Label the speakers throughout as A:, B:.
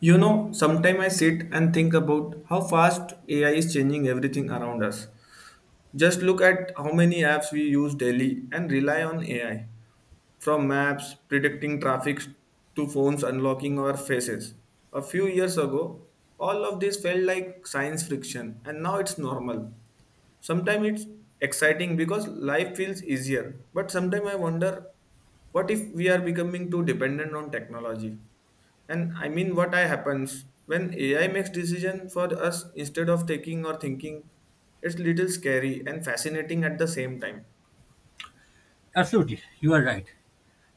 A: You know, sometimes I sit and think about how fast AI is changing everything around us. Just look at how many apps we use daily and rely on AI, from maps predicting traffic to phones unlocking our faces. A few years ago, all of this felt like science fiction, and now it's normal. Sometimes it's exciting because life feels easier, but sometimes I wonder, what if we are becoming too dependent on technology? And I mean, what I happens when AI makes decision for us instead of taking or thinking? It's little scary and fascinating at the same time.
B: Absolutely, you are right.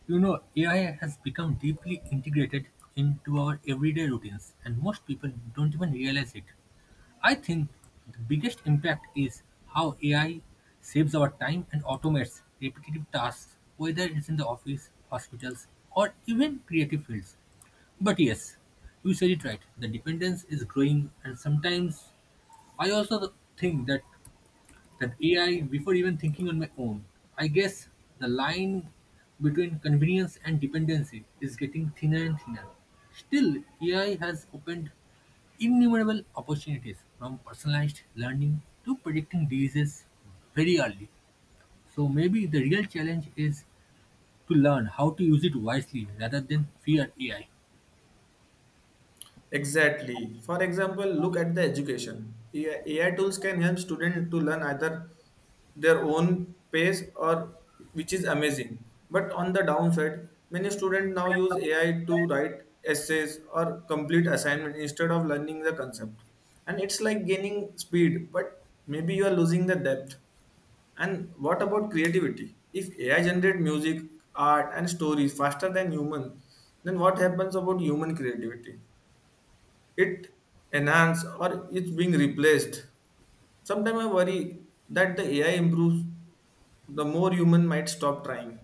B: You know, AI has become deeply integrated into our everyday routines, and most people don't even realize it. I think the biggest impact is how AI saves our time and automates repetitive tasks, whether it's in the office, hospitals, or even creative fields. But yes, you said it right. The dependence is growing, and sometimes I also think that AI before even thinking on my own. I guess the line between convenience and dependency is getting thinner and thinner. Still, AI has opened innumerable opportunities from personalized learning to predicting diseases very early. So maybe the real challenge is to learn how to use it wisely rather than fear AI.
A: Exactly. For example, look at the education. AI tools can help students to learn either their own pace or which is amazing. But on the downside, many students now use AI to write essays or complete assignment instead of learning the concept. And it's like gaining speed, but maybe you are losing the depth. And what about creativity? If AI generate music, art, and stories faster than human, then what happens about human creativity? It enhanced or it's being replaced? Sometimes I worry that the AI improves, the more human might stop trying.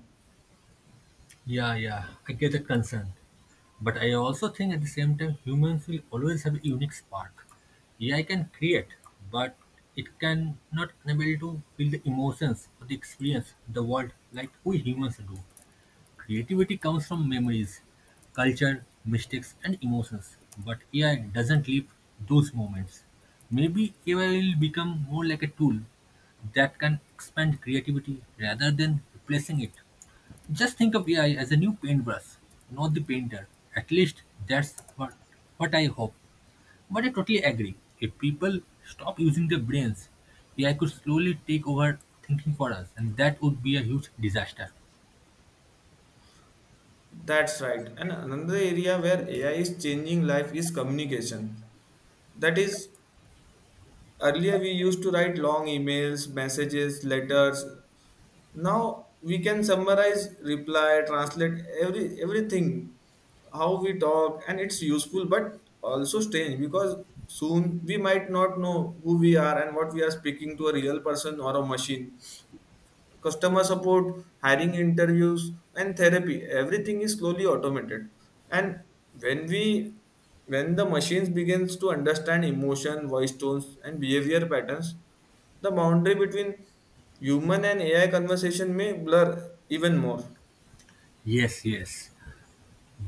B: Yeah, yeah, I get the concern. But I also think at the same time, humans will always have a unique spark. AI can create, but it can not unable to feel the emotions or the experience the world like we humans do. Creativity comes from memories, culture, mistakes, and emotions, but AI doesn't live those moments. Maybe AI will become more like a tool that can expand creativity rather than replacing it. Just think of AI as a new paintbrush, not the painter. At least that's what I hope. But I totally agree. If people stop using their brains, AI could slowly take over thinking for us, and that would be a huge disaster.
A: That's right. And another area where AI is changing life is communication. That is, earlier we used to write long emails, messages, letters, now we can summarize reply translate everything, how we talk, and it's useful but also strange because soon we might not know who we are and what we are speaking to, a real person or a machine. Customer support, hiring interviews, and therapy, everything is slowly automated. And when we when the machines begins to understand emotion, voice tones, and behavior patterns, the boundary between human and AI conversation may blur even more.
B: Yes, yes.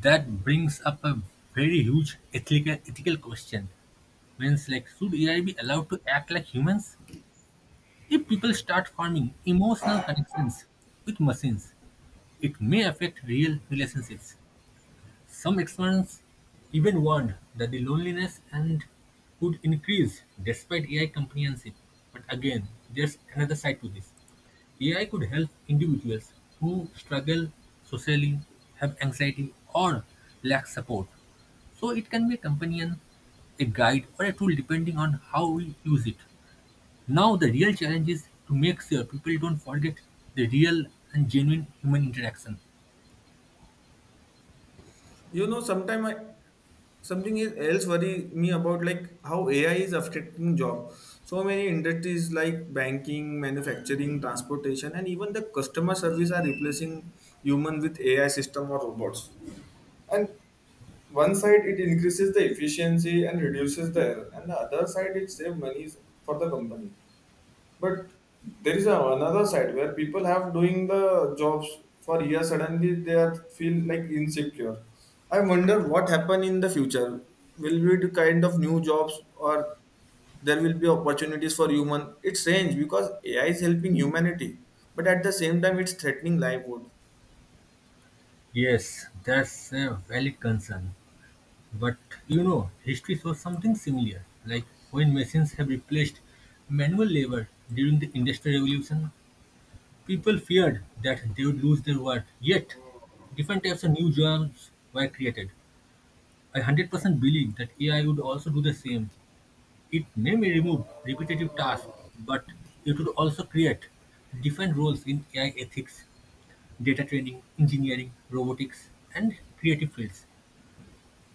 B: That brings up a very huge ethical question. Means like should AI be allowed to act like humans? If people start forming emotional connections with machines, it may affect real relationships. Some experts even warned that the loneliness and would increase despite AI companionship. But again, there's another side to this. AI could help individuals who struggle socially, have anxiety, or lack support. So it can be a companion, a guide, or a tool depending on how we use it. Now, the real challenge is to make sure people don't forget the real and genuine human interaction.
A: You know, sometimes else worry me about, like, how AI is affecting job. So many industries like banking, manufacturing, transportation, and even the customer service are replacing human with AI system or robots. And one side it increases the efficiency and reduces the error, and the other side it saves money for the company. But there is another side where people have doing the jobs for years. Suddenly they are feel like insecure. I wonder what happen in the future. Will be the kind of new jobs or there will be opportunities for human? It's strange because AI is helping humanity, but at the same time it's threatening livelihood.
B: Yes, that's a valid concern. But you know, history shows something similar, like when machines have replaced manual labor during the Industrial Revolution, people feared that they would lose their work. Yet, different types of new jobs were created. I 100% believe that AI would also do the same. It may remove repetitive tasks, but it would also create different roles in AI ethics, data training, engineering, robotics, and creative fields.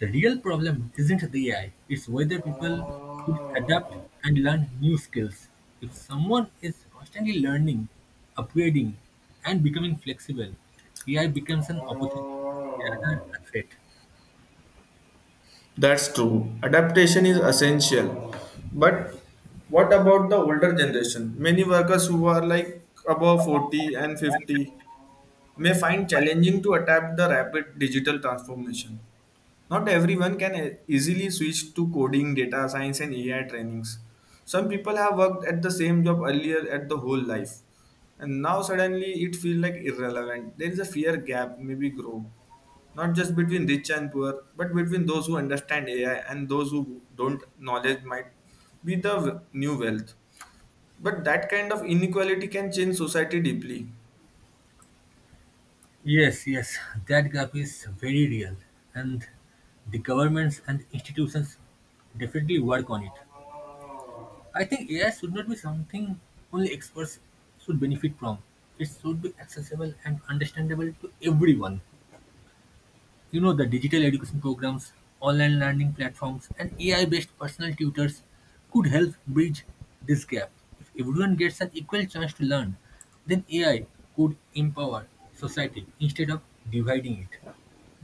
B: The real problem isn't the AI, it's whether people would adapt and learn new skills. If someone is constantly learning, upgrading, and becoming flexible, AI becomes an opportunity rather a threat.
A: That's true. Adaptation is essential. But what about the older generation? Many workers who are like above 40 and 50 may find challenging to adapt the rapid digital transformation. Not everyone can easily switch to coding, data science, and AI trainings. Some people have worked at the same job earlier at the whole life, and now suddenly it feels like irrelevant. There is a fear gap, maybe grow, not just between rich and poor, but between those who understand AI and those who don't. Knowledge might be the new wealth. But that kind of inequality can change society deeply.
B: Yes, yes, that gap is very real, and the governments and institutions definitely work on it. I think AI should not be something only experts should benefit from. It should be accessible and understandable to everyone. You know, the digital education programs, online learning platforms, and AI based personal tutors could help bridge this gap. If everyone gets an equal chance to learn, then AI could empower society instead of dividing it.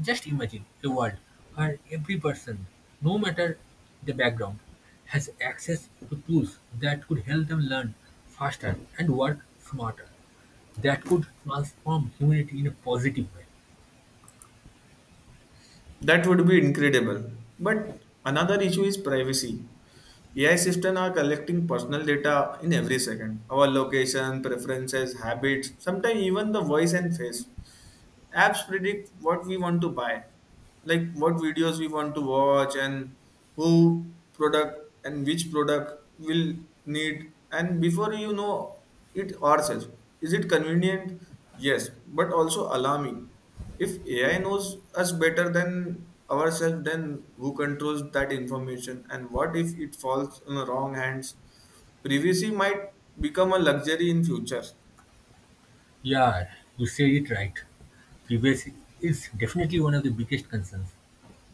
B: Just imagine a world where every person, no matter the background, has access to tools that could help them learn faster and work smarter. That could transform humanity in a positive way.
A: That would be incredible. But another issue is privacy. AI systems are collecting personal data in every second. Our location, preferences, habits, sometimes even the voice and face. Apps predict what we want to buy, like what videos we want to watch, and who product and which product will need and before you know it ourselves. Is it convenient? Yes, but also alarming. If AI knows us better than ourselves, then who controls that information, and what if it falls in the wrong hands? Privacy might become a luxury in future.
B: Yeah, you say it right. Privacy is definitely one of the biggest concerns.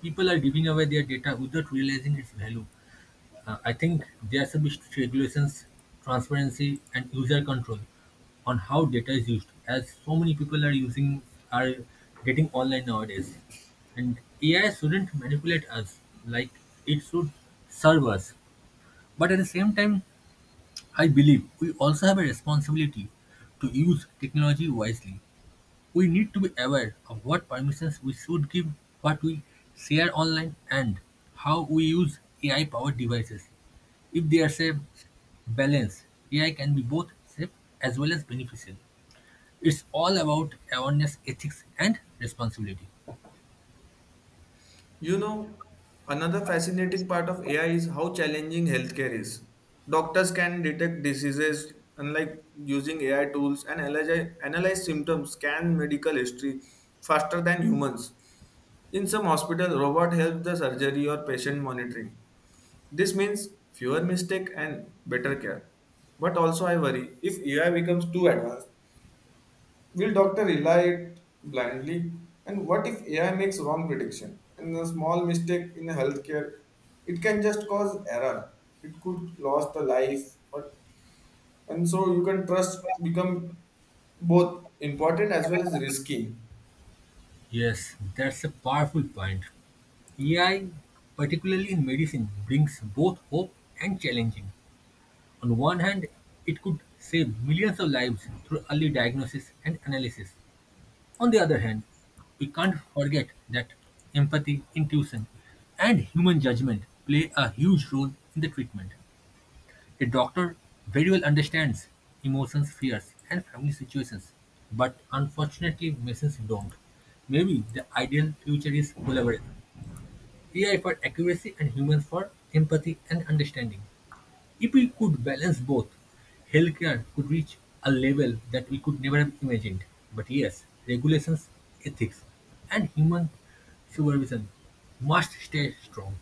B: People are giving away their data without realizing its value. I think there should be strict regulations, transparency, and user control on how data is used, as so many people are using are getting online nowadays. And AI shouldn't manipulate us like it should serve us. But at the same time, I believe we also have a responsibility to use technology wisely. We need to be aware of what permissions we should give, what we share online, and how we use AI powered devices. If there's a balance, AI can be both safe as well as beneficial. It's all about awareness, ethics, and responsibility.
A: You know, another fascinating part of AI is how challenging healthcare is. Doctors can detect diseases unlike using AI tools and analyze symptoms, scan medical history faster than humans. In some hospitals, robot helps the surgery or patient monitoring. This means fewer mistake and better care. But also I worry, if AI becomes too advanced, will doctor rely it blindly? And what if AI makes wrong prediction? And a small mistake in healthcare, it can just cause error. It could lost a life. Or, and so you can trust become both important as well as risky.
B: Yes, that's a powerful point. AI, particularly in medicine, brings both hope and challenging. On one hand, it could save millions of lives through early diagnosis and analysis. On the other hand, we can't forget that empathy, intuition, and human judgment play a huge role in the treatment. A doctor very well understands emotions, fears, and family situations, but unfortunately, machines don't. Maybe the ideal future is collaboration AI for accuracy and humans for empathy and understanding. If we could balance both, healthcare could reach a level that we could never have imagined. But yes, regulations, ethics, and human supervision must stay strong.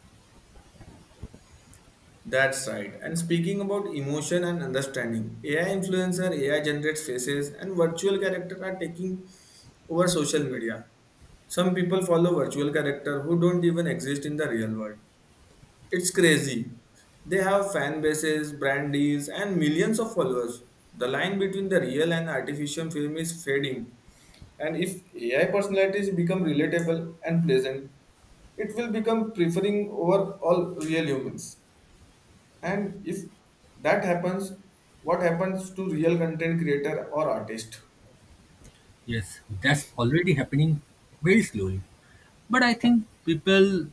A: That's right. And speaking about emotion and understanding, AI influencer, AI generates faces, and virtual character are taking over social media. Some people follow virtual character who don't even exist in the real world. It's crazy. They have fan bases, brand deals, and millions of followers. The line between the real and artificial film is fading. And if AI personalities become relatable and pleasant, it will become preferring over all real humans. And if that happens, what happens to real content creator or artist?
B: Yes, that's already happening very slowly. But I think people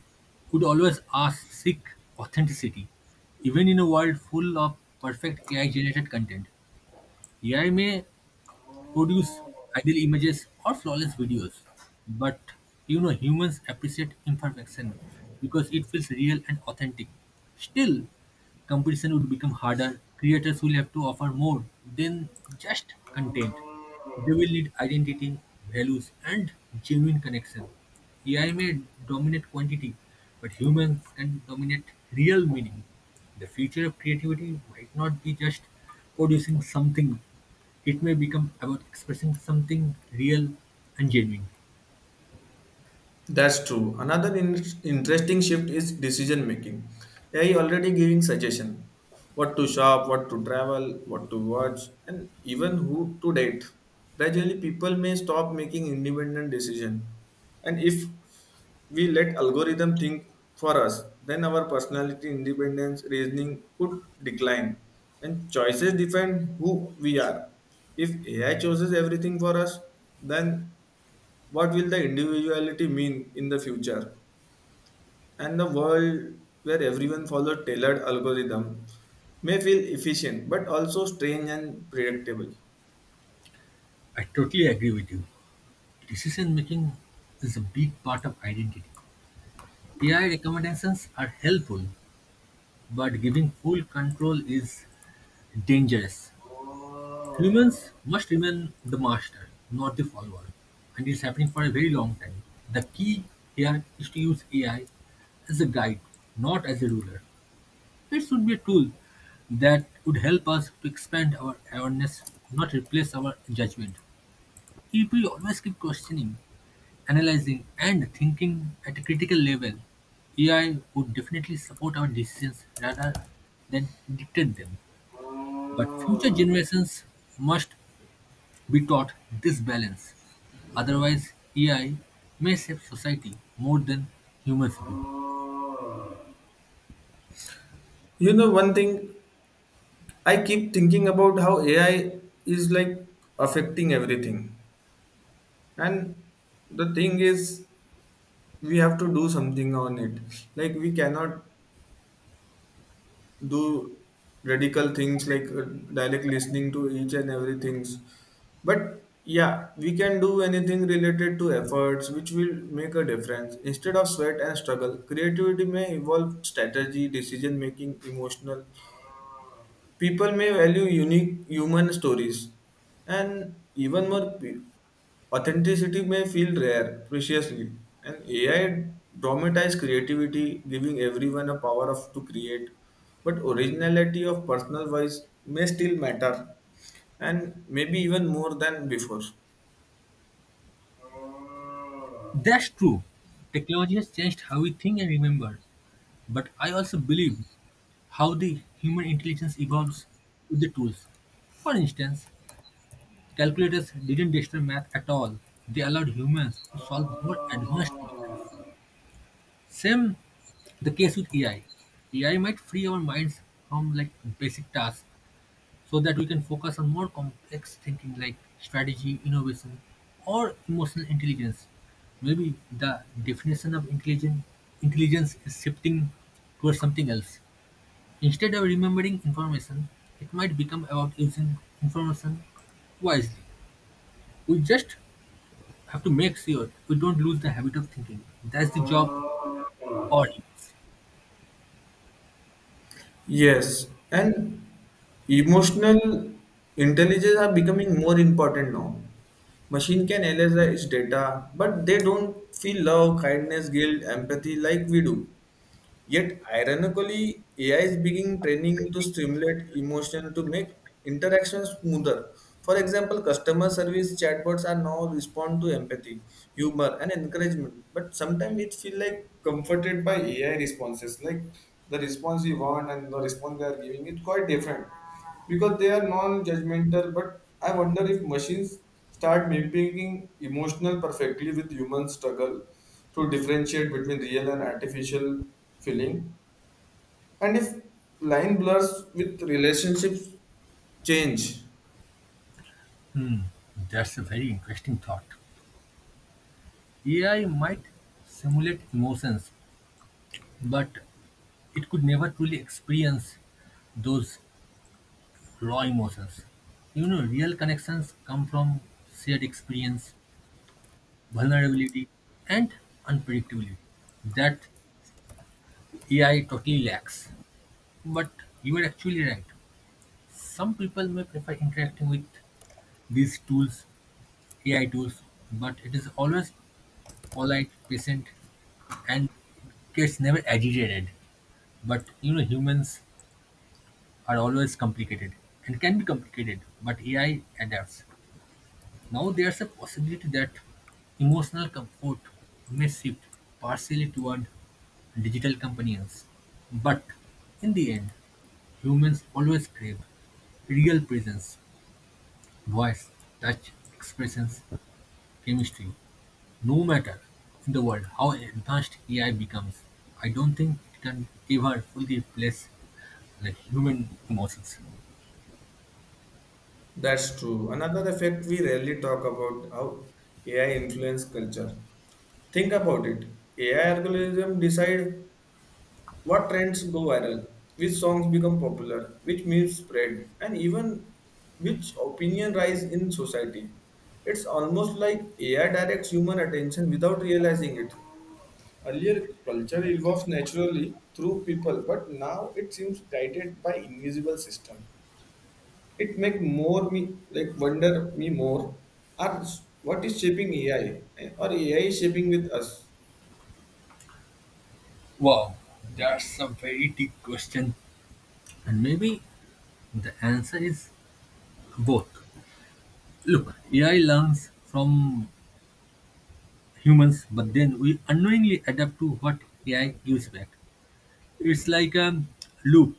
B: would always ask seek authenticity, even in a world full of perfect AI generated content. AI may produce ideal images or flawless videos. But you know, humans appreciate imperfection because it feels real and authentic. Still, competition would become harder. Creators will have to offer more than just content. They will need identity, values, and genuine connection. AI may dominate quantity, but humans can dominate real meaning. The future of creativity might not be just producing something. It may become about expressing something real and genuine.
A: That's true. Another interesting shift is decision making. AI already giving suggestion what to shop, what to travel, what to watch, and even who to date. Gradually, people may stop making independent decision, and if we let algorithm think for us, then our personality, independence, reasoning could decline, and choices define who we are. If AI chooses everything for us, then what will the individuality mean in the future? And the world where everyone follows tailored algorithm may feel efficient but also strange and predictable.
B: I totally agree with you. Decision making is a big part of identity. AI recommendations are helpful, but giving full control is dangerous. Humans must remain the master, not the follower, and it's happening for a very long time. The key here is to use AI as a guide, not as a ruler. It should be a tool that would help us to expand our awareness, not replace our judgment. If we always keep questioning, analyzing, and thinking at a critical level, AI would definitely support our decisions rather than dictate them. But future generations must be taught this balance. Otherwise, AI may save society more than humans do.
A: You know, one thing I keep thinking about, how AI is like affecting everything. And the thing is, we have to do something on it. Like, we cannot do radical things like direct listening to each and everything. But yeah, we can do anything related to efforts which will make a difference. Instead of sweat and struggle, creativity may involve strategy, decision making, emotional. People may value unique human stories, and even more, authenticity may feel rare, preciously. And AI dramatize creativity, giving everyone a power of to create, but originality of personal voice may still matter, and maybe even more than before.
B: That's true. Technology has changed how we think and remember. But I also believe how the human intelligence evolves with the tools. For instance, calculators didn't destroy math at all. They allowed humans to solve more advanced problems. Same the case with AI. AI might free our minds from like basic tasks so that we can focus on more complex thinking like strategy, innovation, or emotional intelligence. Maybe the definition of intelligence is shifting towards something else. Instead of remembering information, it might become about using information wisely. We just have to make sure we don't lose the habit of thinking. That's the job for humans.
A: Yes, and emotional intelligence are becoming more important now. Machine can analyze its data, but they don't feel love, kindness, guilt, empathy like we do. Yet, ironically, AI is being training to stimulate emotion to make interactions smoother. For example, customer service chatbots are now respond to empathy, humor, and encouragement. But sometimes it feel like comforted by AI responses, like the response we want and the response they are giving is quite different, because they are non-judgmental. But I wonder, if machines start mimicking emotional perfectly, with human struggle to differentiate between real and artificial feeling, and if line blurs, with relationships change.
B: That's a very interesting thought. AI might simulate emotions, but it could never truly experience those raw emotions. You know, real connections come from shared experience, vulnerability, and unpredictability that AI totally lacks. But you are actually right. Some people may prefer interacting with these tools, AI tools, but it is always polite, patient, and gets never agitated. But you know, humans are always complicated, and can be complicated, but AI adapts. Now there's a possibility that emotional comfort may shift partially toward digital companions. But in the end, humans always crave real presence, voice, touch, expressions, chemistry, no matter in the world how advanced AI becomes. I don't think it can ever fully replace the human emotions.
A: That's true. Another effect we rarely talk about, how AI influence culture. Think about it. AI algorithm decide what trends go viral, which songs become popular, which memes spread, and even which opinion rise in society. It's almost like AI directs human attention without realizing it. Earlier, culture evolves naturally through people, but now it seems guided by invisible system. It make more me like wonder me more. Are what is shaping AI, or AI is shaping with us?
B: Wow, that's a very deep question, and maybe the answer is both. Look, AI learns from humans, but then we unknowingly adapt to what AI gives back. It's like a loop.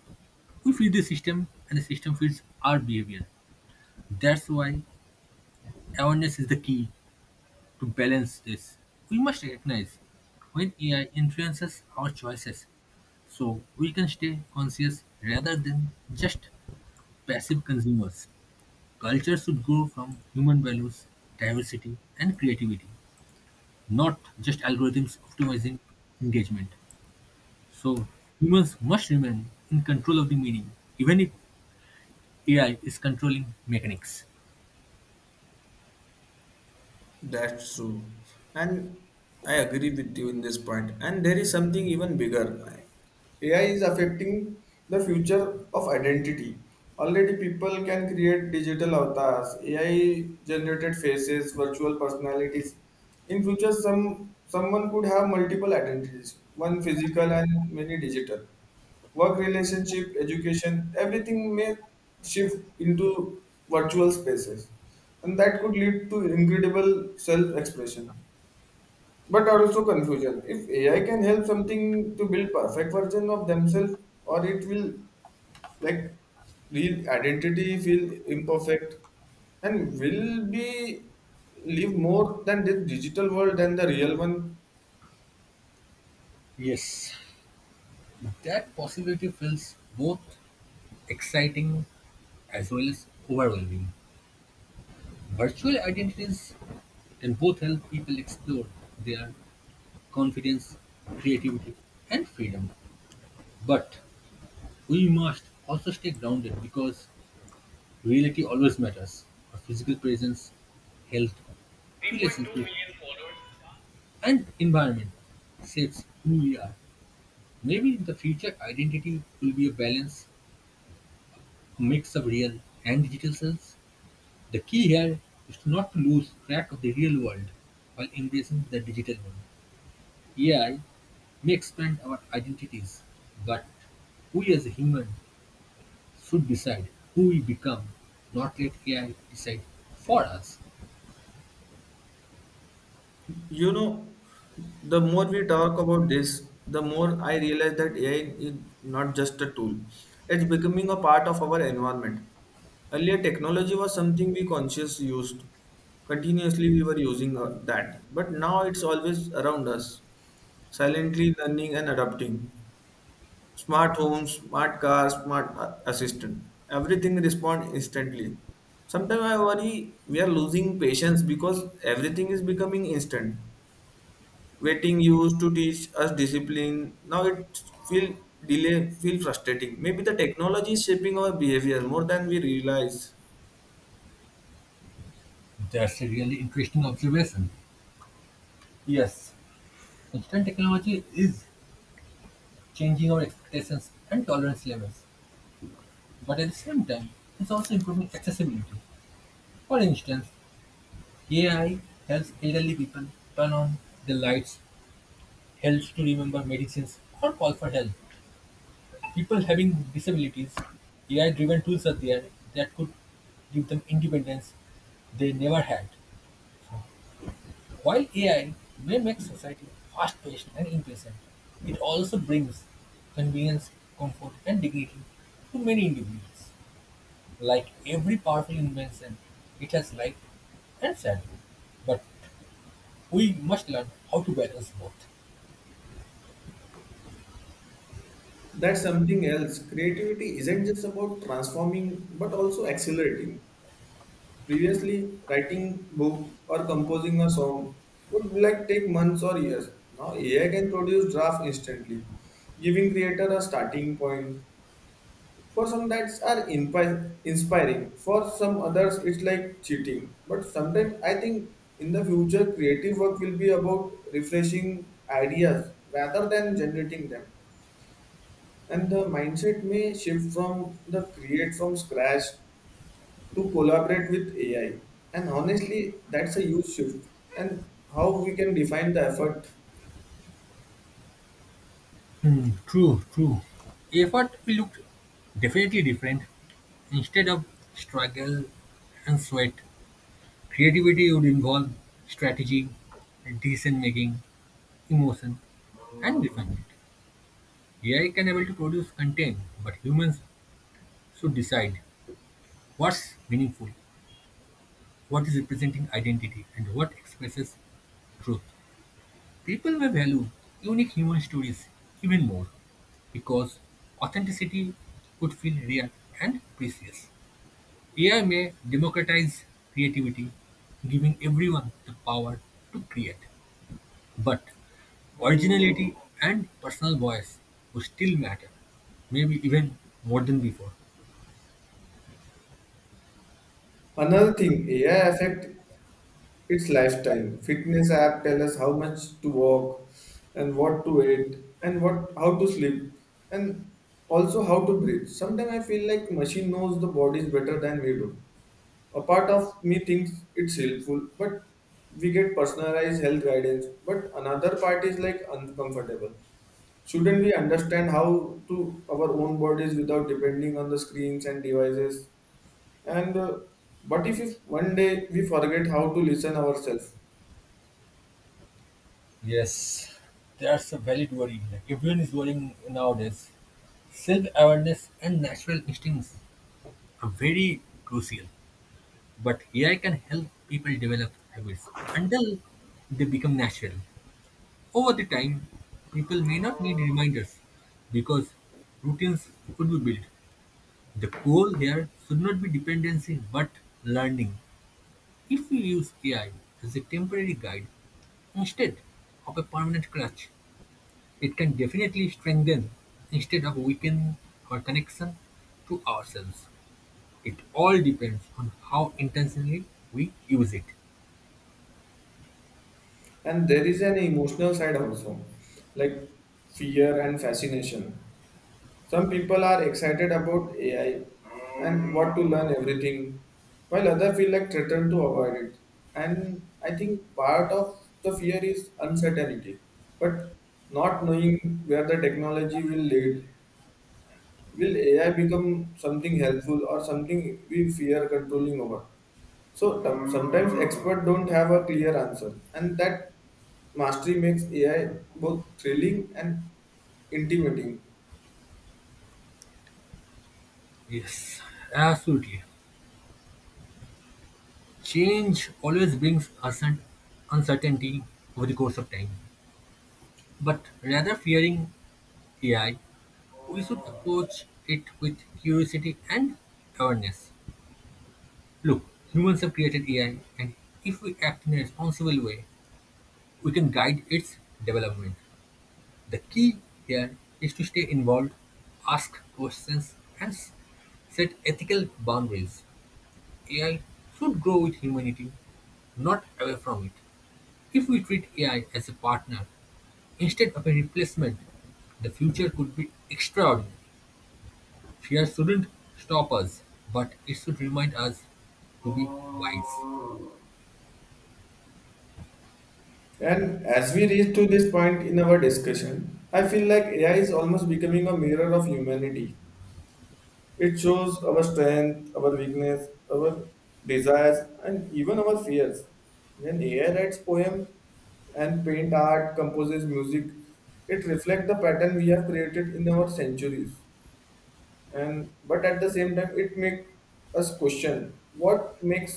B: We feed the system, and the system feeds our behavior. That's why awareness is the key to balance this. We must recognize when AI influences our choices so we can stay conscious rather than just passive consumers. Culture should grow from human values, diversity, and creativity, not just algorithms optimizing engagement. So, humans must remain in control of the meaning, even if AI is controlling mechanics.
A: That's true. And I agree with you in this point. And there is something even bigger. AI is affecting the future of identity. Already, people can create digital avatars, AI generated faces, virtual personalities. In future, someone could have multiple identities, one physical and many digital. Work relationship, education, everything may shift into virtual spaces, and that could lead to incredible self expression. But also confusion. If AI can help something to build perfect version of themselves, or it will like real identity feel imperfect, and will be live more than the digital world than the real one.
B: Yes, that possibility feels both exciting as well as overwhelming. Virtual identities can both help people explore their confidence, creativity, and freedom. But we must also stay grounded because reality always matters. Our physical presence, health, relationship, and environment shapes who we are. Maybe in the future, identity will be a balance, a mix of real and digital selves. The key here is to not to lose track of the real world while embracing the digital one. AI may expand our identities, but we as a human should decide who we become, not let AI decide for us.
A: You know, the more we talk about this, the more I realize that AI is not just a tool. It's becoming a part of our environment. Earlier, technology was something we consciously used. Continuously, we were using that. But now it's always around us, silently learning and adapting. Smart homes, smart cars, smart assistant. Everything respond instantly. Sometimes I worry we are losing patience because everything is becoming instant. Waiting used to teach us discipline, now it feel, delay feel frustrating. Maybe the technology is shaping our behavior more than we realize.
B: That's a really interesting observation. Yes, constant technology is changing our expectations and tolerance levels, but at the same time, it's also improving accessibility. For instance, AI helps elderly people turn on the lights, helps to remember medicines, or call for help. People having disabilities, AI driven tools are there that could give them independence they never had. So while AI may make society fast-paced and impatient, it also brings convenience, comfort, and dignity to many individuals. Like every powerful invention, it has light and shadow, but we must learn how to balance both.
A: That's something else. Creativity isn't just about transforming but also accelerating. Previously, writing book or composing a song would like take months or years. Now AI can produce draft instantly, giving creator a starting point. For some that's are inspiring. For some others it's like cheating. But sometimes I think in the future creative work will be about refreshing ideas rather than generating them. And the mindset may shift from the create from scratch to collaborate with AI. And honestly, that's a huge shift. And how we can define the effort.
B: Hmm, true, true. Effort will look definitely different. Instead of struggle and sweat, creativity would involve strategy and decision making emotion, and define it. AI can able to produce content, but humans should decide what's meaningful, what is representing identity, and what expresses truth. People may value unique human stories even more because authenticity would feel real and precious. AI may democratize creativity, giving everyone the power to create. But originality and personal voice would still matter, maybe even more than before.
A: Another thing, AI affect it's lifestyle. Fitness app tell us how much to walk, and what to eat, and what how to sleep, and also how to breathe. Sometimes I feel like machine knows the bodies better than we do. A part of me thinks it's helpful, but we get personalized health guidance. But another part is like uncomfortable. Shouldn't we understand how to our own bodies without depending on the screens and devices? And But if one day we forget how to listen ourselves?
B: Yes, that's a valid worry. Like everyone is worrying nowadays. Self-awareness and natural instincts are very crucial, but AI can help people develop habits until they become natural. Over the time, people may not need reminders because routines could be built. The goal here should not be dependency but learning. If we use AI as a temporary guide instead of a permanent crutch, it can definitely strengthen instead of weaken our connection to ourselves. It all depends on how intentionally we use it.
A: And there is an emotional side also, like fear and fascination. Some people are excited about AI and want to learn everything, while others feel like threatened to avoid it. And I think part of the fear is uncertainty, but not knowing where the technology will lead. Will AI become something helpful or something we fear controlling over? So sometimes experts don't have a clear answer, and that mastery makes AI both thrilling and intimidating.
B: Yes, absolutely. Change always brings uncertainty over the course of time. But rather fearing AI, we should approach it with curiosity and awareness. Look, humans have created AI, and if we act in a responsible way, we can guide its development. The key here is to stay involved, ask questions, and set ethical boundaries. AI should grow with humanity, not away from it. If we treat AI as a partner instead of a replacement, the future could be extraordinary. Fear shouldn't stop us, but it should remind us to be wise.
A: And as we reach to this point in our discussion, I feel like AI is almost becoming a mirror of humanity. It shows our strength, our weakness, our desires, and even our fears. When AI writes poem and paint art, composes music, it reflects the pattern we have created in our centuries. And but at the same time it make us question what makes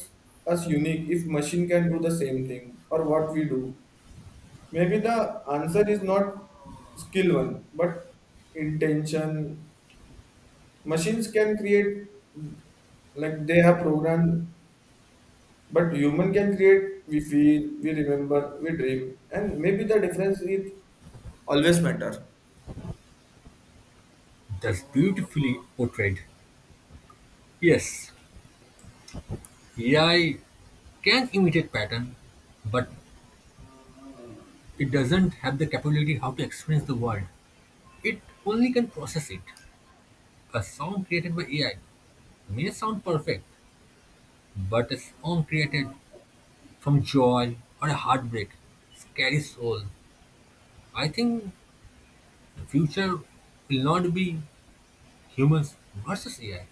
A: us unique if machine can do the same thing or what we do. Maybe the answer is not skill one but intention. Machines can create like they have programmed, but human can create. We feel, we remember, we dream, and maybe the difference is always matter.
B: That's beautifully portrayed. Yes, AI can imitate pattern, but it doesn't have the capability how to experience the world. It only can process it. A song created by AI may sound perfect, but a song created from joy or a heartbreak. Scary soul. I think the future will not be humans versus AI,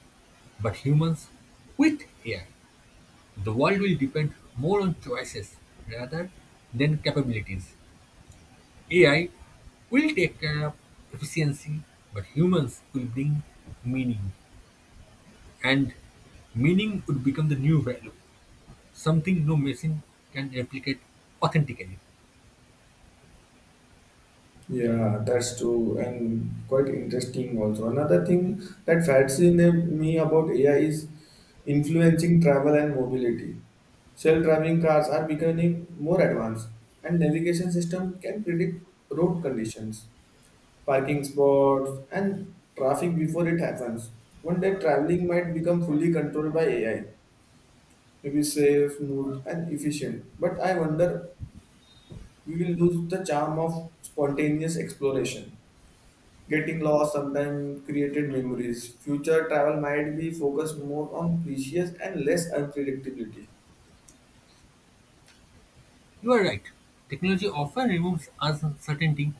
B: but humans with AI. The world will depend more on choices rather than capabilities. AI will take care of efficiency, but humans will bring meaning, and meaning would become the new value, something no machine can replicate authentically.
A: Yeah, that's true and quite interesting also. Another thing that fascinates me about AI is influencing travel and mobility. Self-driving cars are becoming more advanced, and navigation system can predict road conditions, parking spots and traffic before it happens. One day traveling might become fully controlled by AI. Maybe safe, smooth and efficient. But I wonder, we will lose the charm of spontaneous exploration. Getting lost sometimes created memories. Future travel might be focused more on precious and less unpredictability.
B: You are right. Technology often removes uncertainty,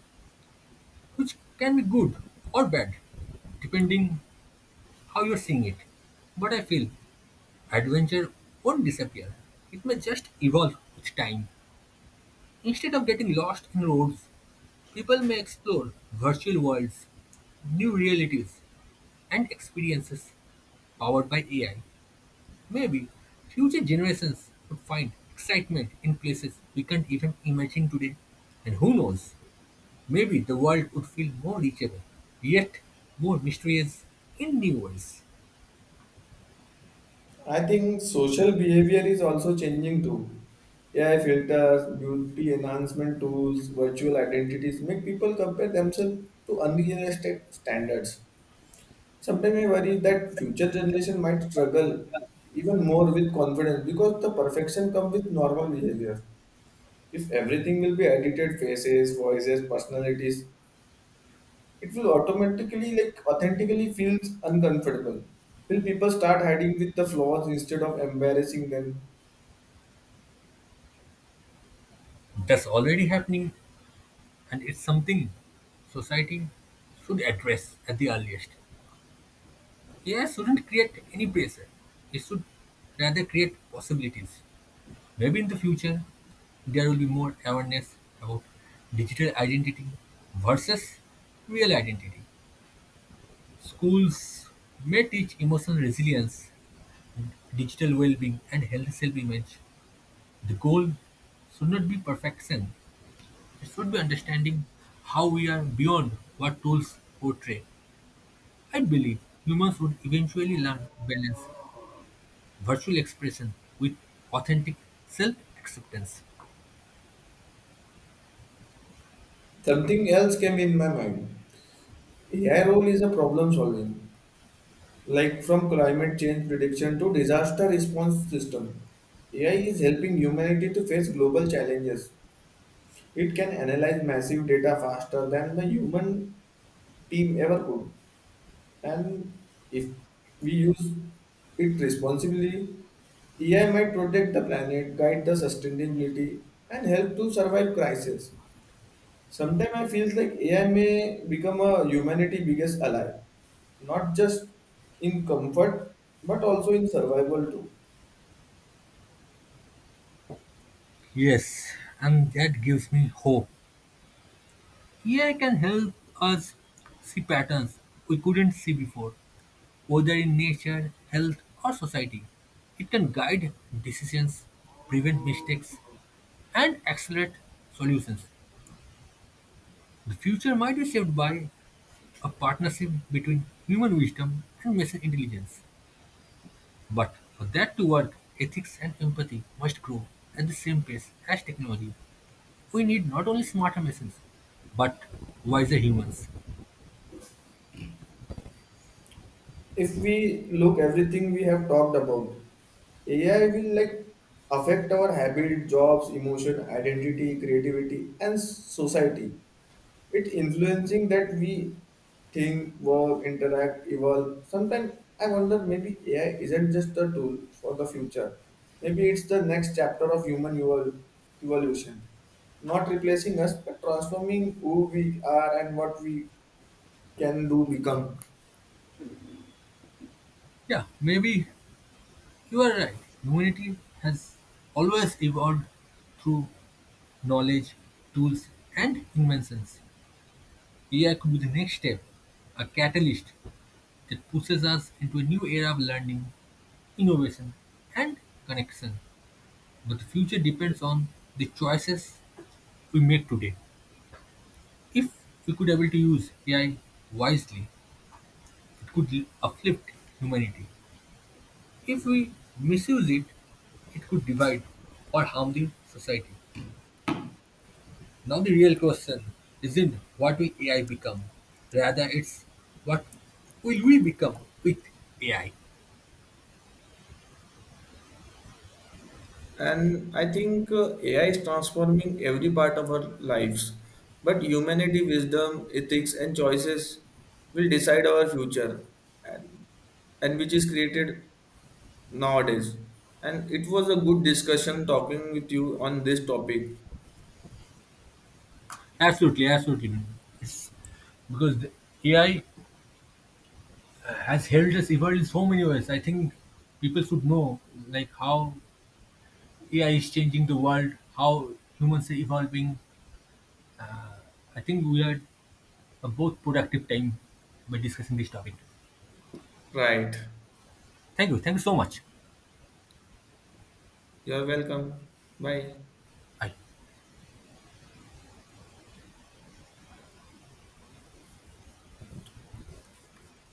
B: which can be good or bad, depending how you're seeing it. But I feel adventure won't disappear. It may just evolve with time. Instead of getting lost in roads, people may explore virtual worlds, new realities, and experiences powered by AI. Maybe future generations would find excitement in places we can't even imagine today. And who knows? Maybe the world would feel more reachable, yet more mysterious in new ways.
A: I think social behavior is also changing too. AI filters, beauty enhancement tools, virtual identities make people compare themselves to unrealistic standards. Sometimes I worry that future generation might struggle even more with confidence because the perfection comes with normal behavior. If everything will be edited, faces, voices, personalities, it will automatically like authentically feels uncomfortable. Will people start hiding with the flaws instead of embarrassing them?
B: That's already happening, and it's something society should address at the earliest. AI shouldn't create any pressure, it should rather create possibilities. Maybe in the future, there will be more awareness about digital identity versus real identity. Schools may teach emotional resilience, digital well being, and healthy self image. The goal should not be perfection. It should be understanding how we are beyond what tools portray. I believe humans would eventually learn to balance virtual expression with authentic self acceptance.
A: Something else came in my mind. AI role is a problem solving, like from climate change prediction to disaster response system. AI is helping humanity to face global challenges. It can analyze massive data faster than the human team ever could. And if we use it responsibly, AI might protect the planet, guide the sustainability, and help to survive crisis. Sometimes I feel like AI may become a humanity biggest ally, not just in comfort, but also in survival too.
B: Yes, and that gives me hope. AI can help us see patterns we couldn't see before, whether in nature, health, or society. It can guide decisions, prevent mistakes, and accelerate solutions. The future might be shaped by a partnership between human wisdom and machine intelligence. But for that to work, ethics and empathy must grow at the same pace as technology. We need not only smarter machines, but wiser humans.
A: If we look everything we have talked about, AI will like affect our habit, jobs, emotion, identity, creativity, and society. It influencing that we think, work, interact, evolve. Sometimes I wonder maybe AI isn't just a tool for the future. Maybe it's the next chapter of human evolution. Not replacing us, but transforming who we are and what we can do become.
B: Yeah, maybe you are right. Humanity has always evolved through knowledge, tools, and inventions. AI could be the next step, a catalyst that pushes us into a new era of learning, innovation, and connection. But the future depends on the choices we make today. If we could able to use AI wisely, it could uplift humanity. If we misuse it, it could divide or harm the society. Now the real question isn't what will AI become, rather it's what will we become with AI.
A: And I think AI is transforming every part of our lives. But humanity, wisdom, ethics, and choices will decide our future, and, and which is created nowadays. And it was a good discussion talking with you on this topic.
B: Absolutely, absolutely. It's because the AI has helped us evolve in so many ways. I think people should know like how AI is changing the world, how humans are evolving. I think we had a both productive time by discussing this topic.
A: Right.
B: Thank you. Thank you so much.
A: You're welcome. Bye.
B: Bye.